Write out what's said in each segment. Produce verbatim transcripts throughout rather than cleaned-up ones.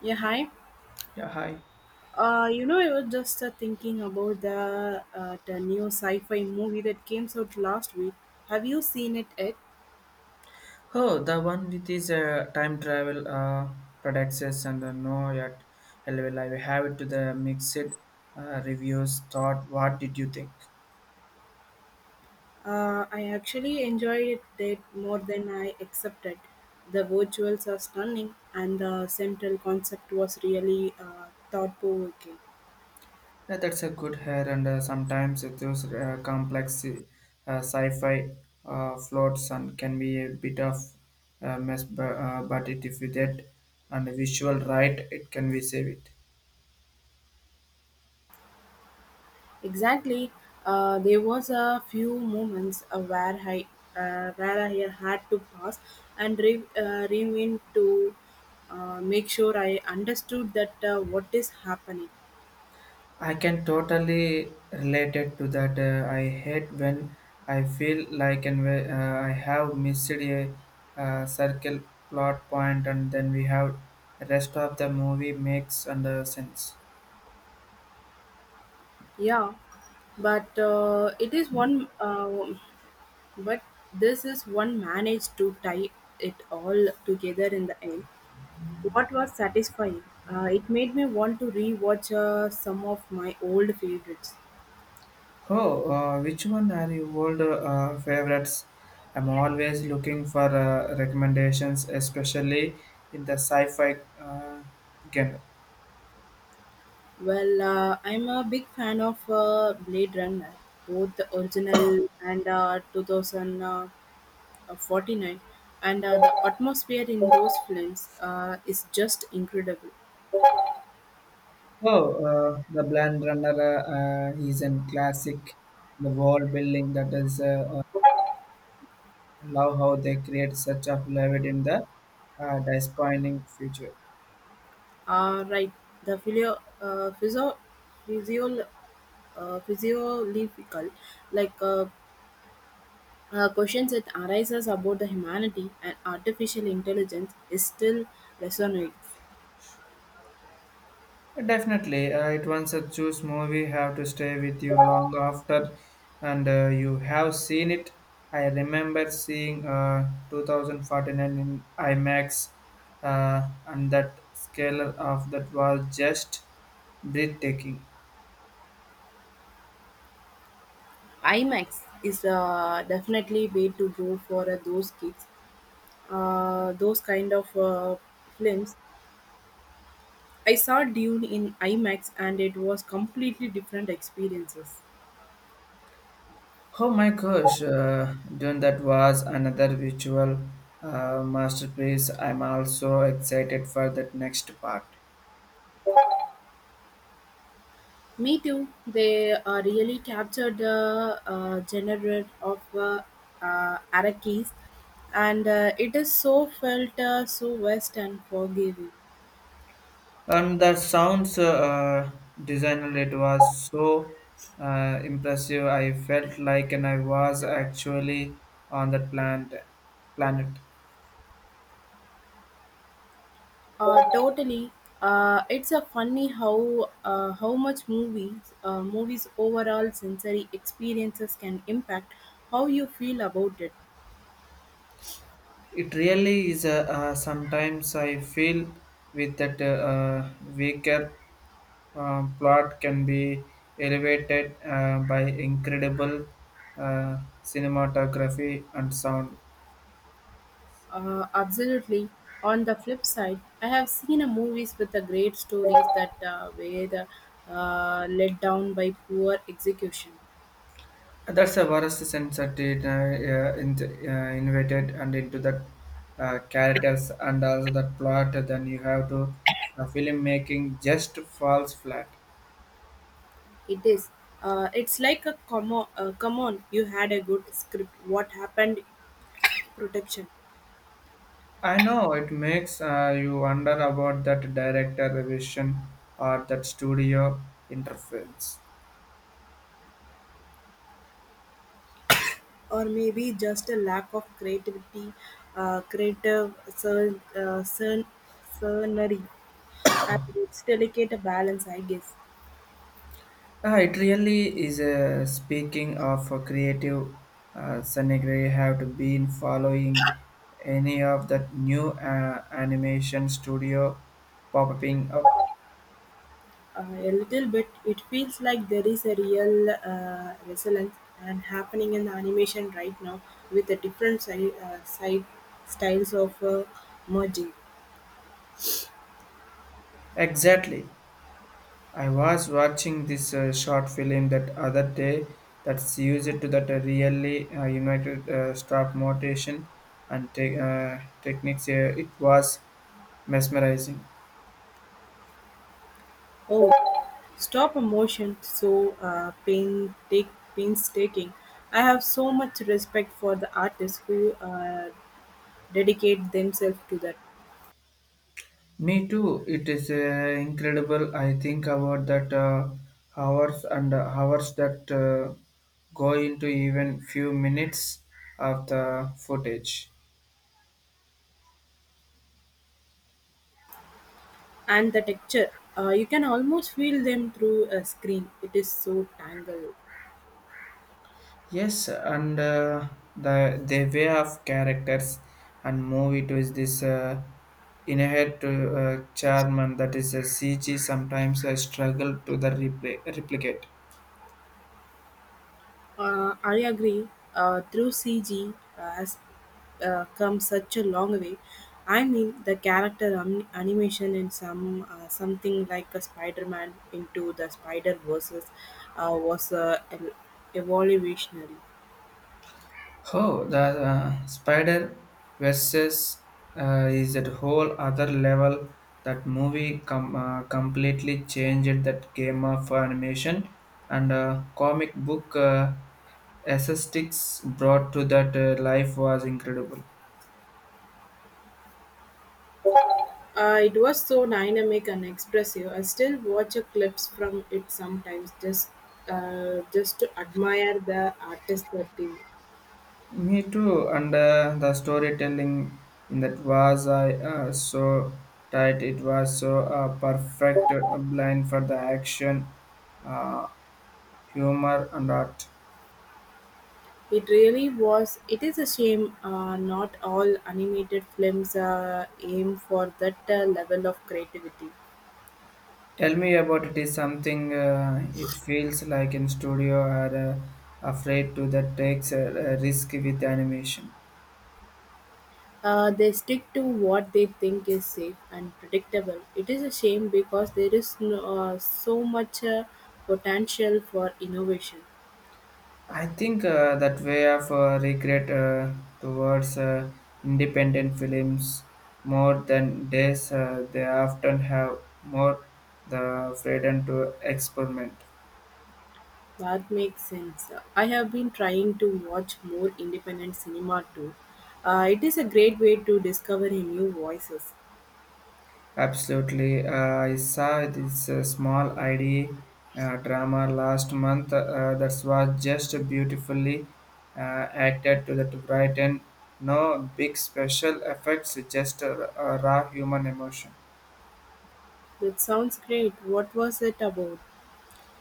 Yeah, hi. Yeah, hi. Uh, you know, I was just uh, thinking about the, uh, the new sci-fi movie that came out last week. Have you seen it yet? Oh, the one with this uh, time travel uh, products and uh, no yet L V L. I will have it to the mixed uh, reviews. Thought, what did you think? Uh, I actually enjoyed it more than I accepted. The visuals are stunning, and the central concept was really uh, thought-provoking. Yeah, that's a good hair, and uh, sometimes it those uh, complex uh, sci-fi uh, floats and can be a bit of uh, mess, but, uh, but it, if you get and visual right, it can be save it. Exactly. Uh, there was a few moments uh, where I uh, where I had to pause and re- uh, rewind to uh, make sure I understood that uh, what is happening. I can totally relate it to that. Uh, I hate when I feel like and whe- uh, I have missed a uh, circle plot point, and then we have rest of the movie makes under sense. Yeah, but uh, it is one. Uh, but this is one managed to tie it all together in the end. What was satisfying? Uh, it made me want to rewatch uh, some of my old favorites. Oh, uh, which one are your old uh, favorites? I'm always looking for uh, recommendations, especially in the sci-fi uh, genre. Well, uh, I'm a big fan of uh, Blade Runner, both the original and uh, two thousand forty-nine, and uh, the atmosphere in those films uh, is just incredible. Oh, uh, the Blade Runner uh, uh, is a classic. The world building that is, uh, uh, I love how they create such a flavor in the uh, disappointing future. Uh, right, the physio, uh, physio, physio, uh, physiological, like uh, uh, questions that arises about the humanity and artificial intelligence is still resonates. Definitely, uh, it once a choose movie have to stay with you long after, and uh, you have seen it. I remember seeing uh, twenty forty-nine in IMAX, uh, and that scale of that was just breathtaking. IMAX is uh, definitely way to go for uh, those kids uh, those kind of uh, films. I saw Dune in IMAX and it was completely different experiences. Oh my gosh, uh, then that was another visual uh, masterpiece. I'm also excited for that next part. Me too. They uh, really captured the uh, genre of uh, uh, Arakis and uh, it is so felt uh, so west and forgiving. And the sounds uh, uh, designer, it was so uh, impressive. I felt like and I was actually on that planet. planet. Uh, totally. Uh, it's a funny how uh, how much movies uh, movies overall sensory experiences can impact how you feel about it. It really is. Uh, uh, sometimes I feel with that uh, uh, weaker um, plot can be elevated uh, by incredible uh, cinematography and sound. Uh, absolutely. On the flip side, I have seen a movies with the great stories that uh, were uh, let down by poor execution. That's the worst sense that it uh, uh, in, uh, invited and into that uh, characters and also that plot. Then you have to uh, filmmaking just falls flat. It is. Uh, it's like a come on, uh, come on, you had a good script. What happened? Protection, I know it makes uh, you wonder about that director revision or that studio interference. or maybe just a lack of creativity, uh, creative cern, uh, cern, cernery. And it's delicate a balance, I guess. Uh, it really is. Uh, speaking of a creative, uh, Sunny Gray have to been following any of that new uh, animation studio popping up. Uh, A little bit, it feels like there is a real uh, resonance and happening in the animation right now with the different si- uh, side styles of uh, merging. Exactly. I was watching this uh, short film that other day that's used to that uh, really uh, united uh, stop motion and te- uh, techniques. Uh, it was mesmerizing. Oh, stop a motion so uh, pain take painstaking. I have so much respect for the artists who uh, dedicate themselves to that Me too. It is uh, incredible. I think about that uh, hours and uh, hours that uh, go into even few minutes of the footage. and the texture. Uh, you can almost feel them through a screen. It is so tangled. Yes, and uh, the the way of characters and movie to is this uh, inherent uh, uh, charm and that is a C G sometimes I struggle to the repli- replicate. Uh, I agree. Uh, through C G has uh, come such a long way. I mean, the character um, animation in some uh, something like a Spider-Man into the Spider versus uh, was uh, ev- evolutionary. Oh, the uh, Spider versus uh, is at whole other level. That movie com- uh, completely changed that game of animation and uh, comic book uh, aesthetics brought to that uh, life was incredible. Uh, it was so dynamic and expressive. I still watch a clips from it sometimes, just uh, just to admire the artist that Me too, and uh, the storytelling in that was I uh, so tight. It was so uh, perfect uh, blend for the action, uh, humor, and art. it really was. It is a shame uh, not all animated films uh, aim for that uh, level of creativity. Tell me about it is something uh, it feels like in studio are uh, afraid to that takes a, a risk with animation. Uh, they stick to what they think is safe and predictable. It is a shame because there is no, uh, so much uh, potential for innovation. I think uh, that way of uh, regret uh, towards uh, independent films more than days uh, they often have more the freedom to experiment. That makes sense. I have been trying to watch more independent cinema too. Uh, it is a great way to discover new voices. Absolutely. Uh, I saw this uh, small ID uh, drama last month uh, that was just beautifully uh, acted to the bright and no big special effects, just a, a raw human emotion. That sounds great. What was it about?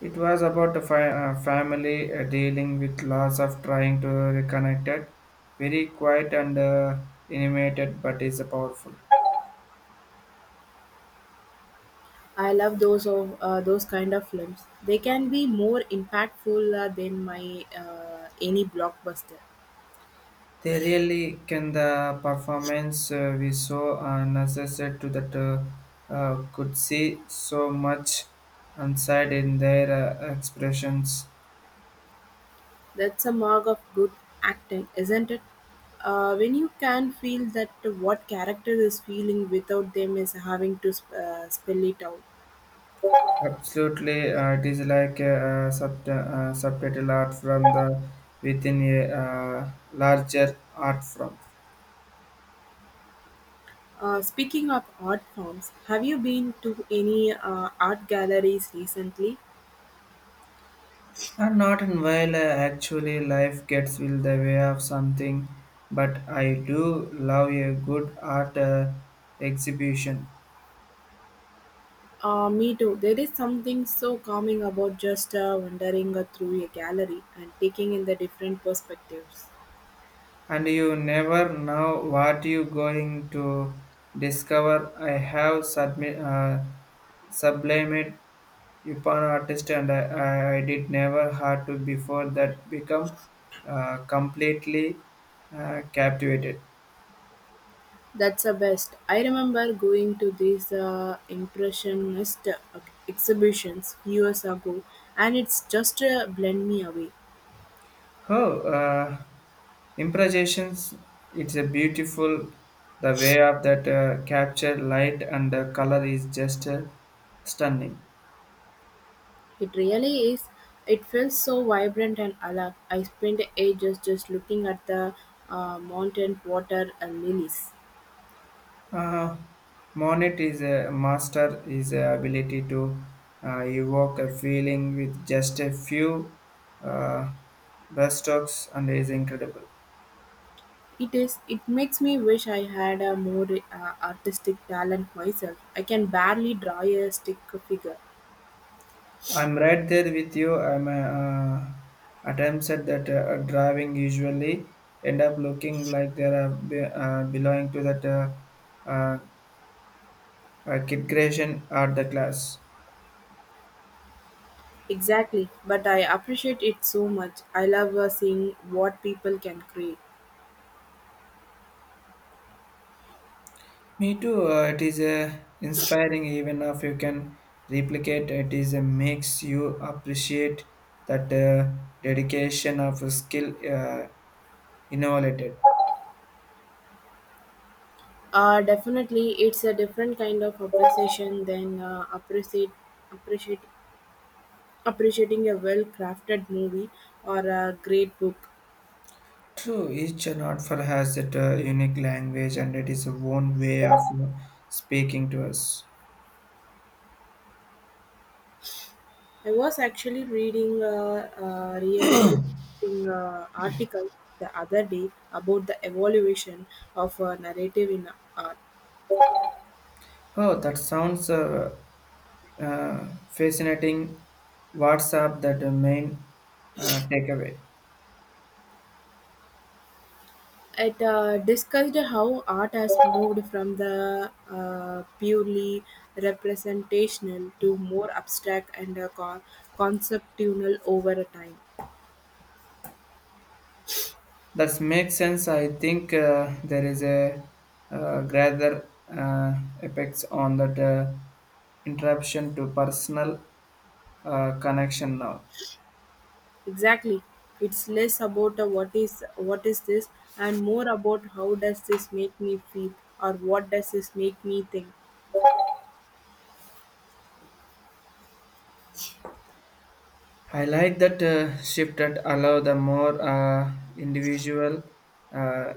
It was about a fi- uh, family uh, dealing with loss of trying to reconnect it. Very quiet and uh, animated, but is powerful. I love those of uh, those kind of films. They can be more impactful uh, than my uh, any blockbuster. They really can the performance uh, we saw uh, necessary to that uh, uh, could see so much inside in their uh, expressions. That's a mark of good acting, isn't it? Uh, when you can feel that what character is feeling without them is having to sp- uh, spell it out. Absolutely, uh, it is like a, uh sub- uh, subtitle art from the within a uh, larger art form. Uh, speaking of art forms, have you been to any uh, art galleries recently? And not in while uh, actually life gets will the way of something, but I do love a good art uh, exhibition. Uh, me too. There is something so calming about just uh, wandering uh, through a gallery and taking in the different perspectives. And you never know what you're going to discover. I have submi- uh, sublimated upon artist and I, I, I did never had to before that become uh, completely uh, captivated. That's the best. I remember going to these uh, impressionist uh, exhibitions years ago, and it's just uh, blend me away. Oh, uh, improvisations, it's a beautiful, the way of that uh, capture light and the color is just uh, stunning. It really is. It feels so vibrant and alive. I spent ages just looking at the uh, mountain water and lilies. Uh, Monet is a master is a ability to uh, evoke a feeling with just a few uh, brushstrokes and is incredible. It is. It makes me wish I had a more uh, artistic talent myself. I can barely draw a stick figure. I'm right there with you. I'm uh, attempts at that uh, driving usually end up looking like they are be- uh, belonging to that uh, uh, uh, kid creation or the class. Exactly, but I appreciate it so much. I love uh, seeing what people can create. Me too. Uh, it is uh, inspiring, even if you can replicate. It is uh, makes you appreciate that uh, dedication of skill uh, innovated. Uh, definitely, it's a different kind of appreciation than uh, appreciate, appreciate, appreciating a well crafted movie or a great book. True, each and art for has that uh, unique language, and it is a own way of uh, speaking to us. I was actually reading a, a really interesting uh, article the other day about the evolution of uh, narrative in art. Oh, that sounds uh, uh, fascinating. What's up? That uh, main uh, takeaway. It uh, discussed how art has moved from the uh, purely representational to more abstract and uh, con- conceptual over a time. That makes sense. I think uh, there is a uh, greater uh, apex on that uh, interruption to personal uh, connection now. Exactly, it's less about uh, what is what is this and more about how does this make me feel or what does this make me think. I like that uh, shift that allow the more uh, individual uh,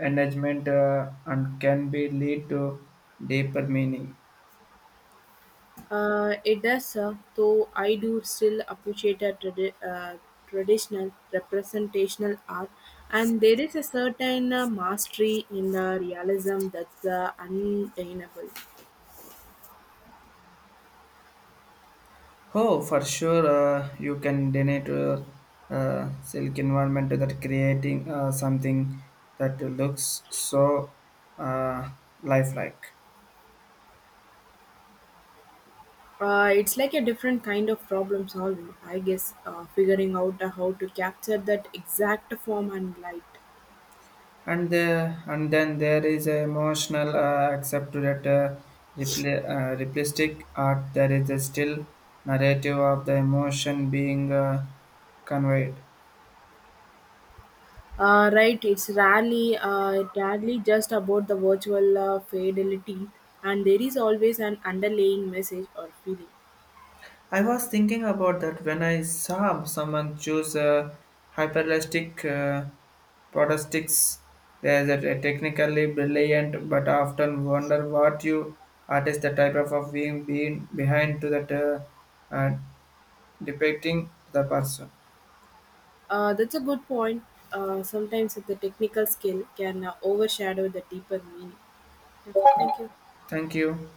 engagement uh, and can be lead to deeper meaning. Uh, it does, uh, though I do still appreciate a tradi- uh, traditional representational art, and there is a certain uh, mastery in uh, realism that's uh, undeniable. Oh, for sure, uh, you can donate to uh, silk environment that creating uh, something that looks so uh, lifelike. Uh, it's like a different kind of problem solving, I guess, uh, figuring out uh, how to capture that exact form and light. And uh, and then there is a emotional uh, accept to that uh, repli- uh, realistic art. There is a still narrative of the emotion being uh, conveyed. Uh, right, it's rarely, uh, rarely just about the virtual uh, fidelity, and there is always an underlying message or feeling. I was thinking about that when I saw someone choose a hyperlastic uh, protostics. There's a technically brilliant, but often wonder what you artist the type of, of being, being behind to that uh, uh, depicting the person. Uh, that's a good point. Uh, sometimes the technical skill can uh, overshadow the deeper meaning. Yeah, thank you. Thank you.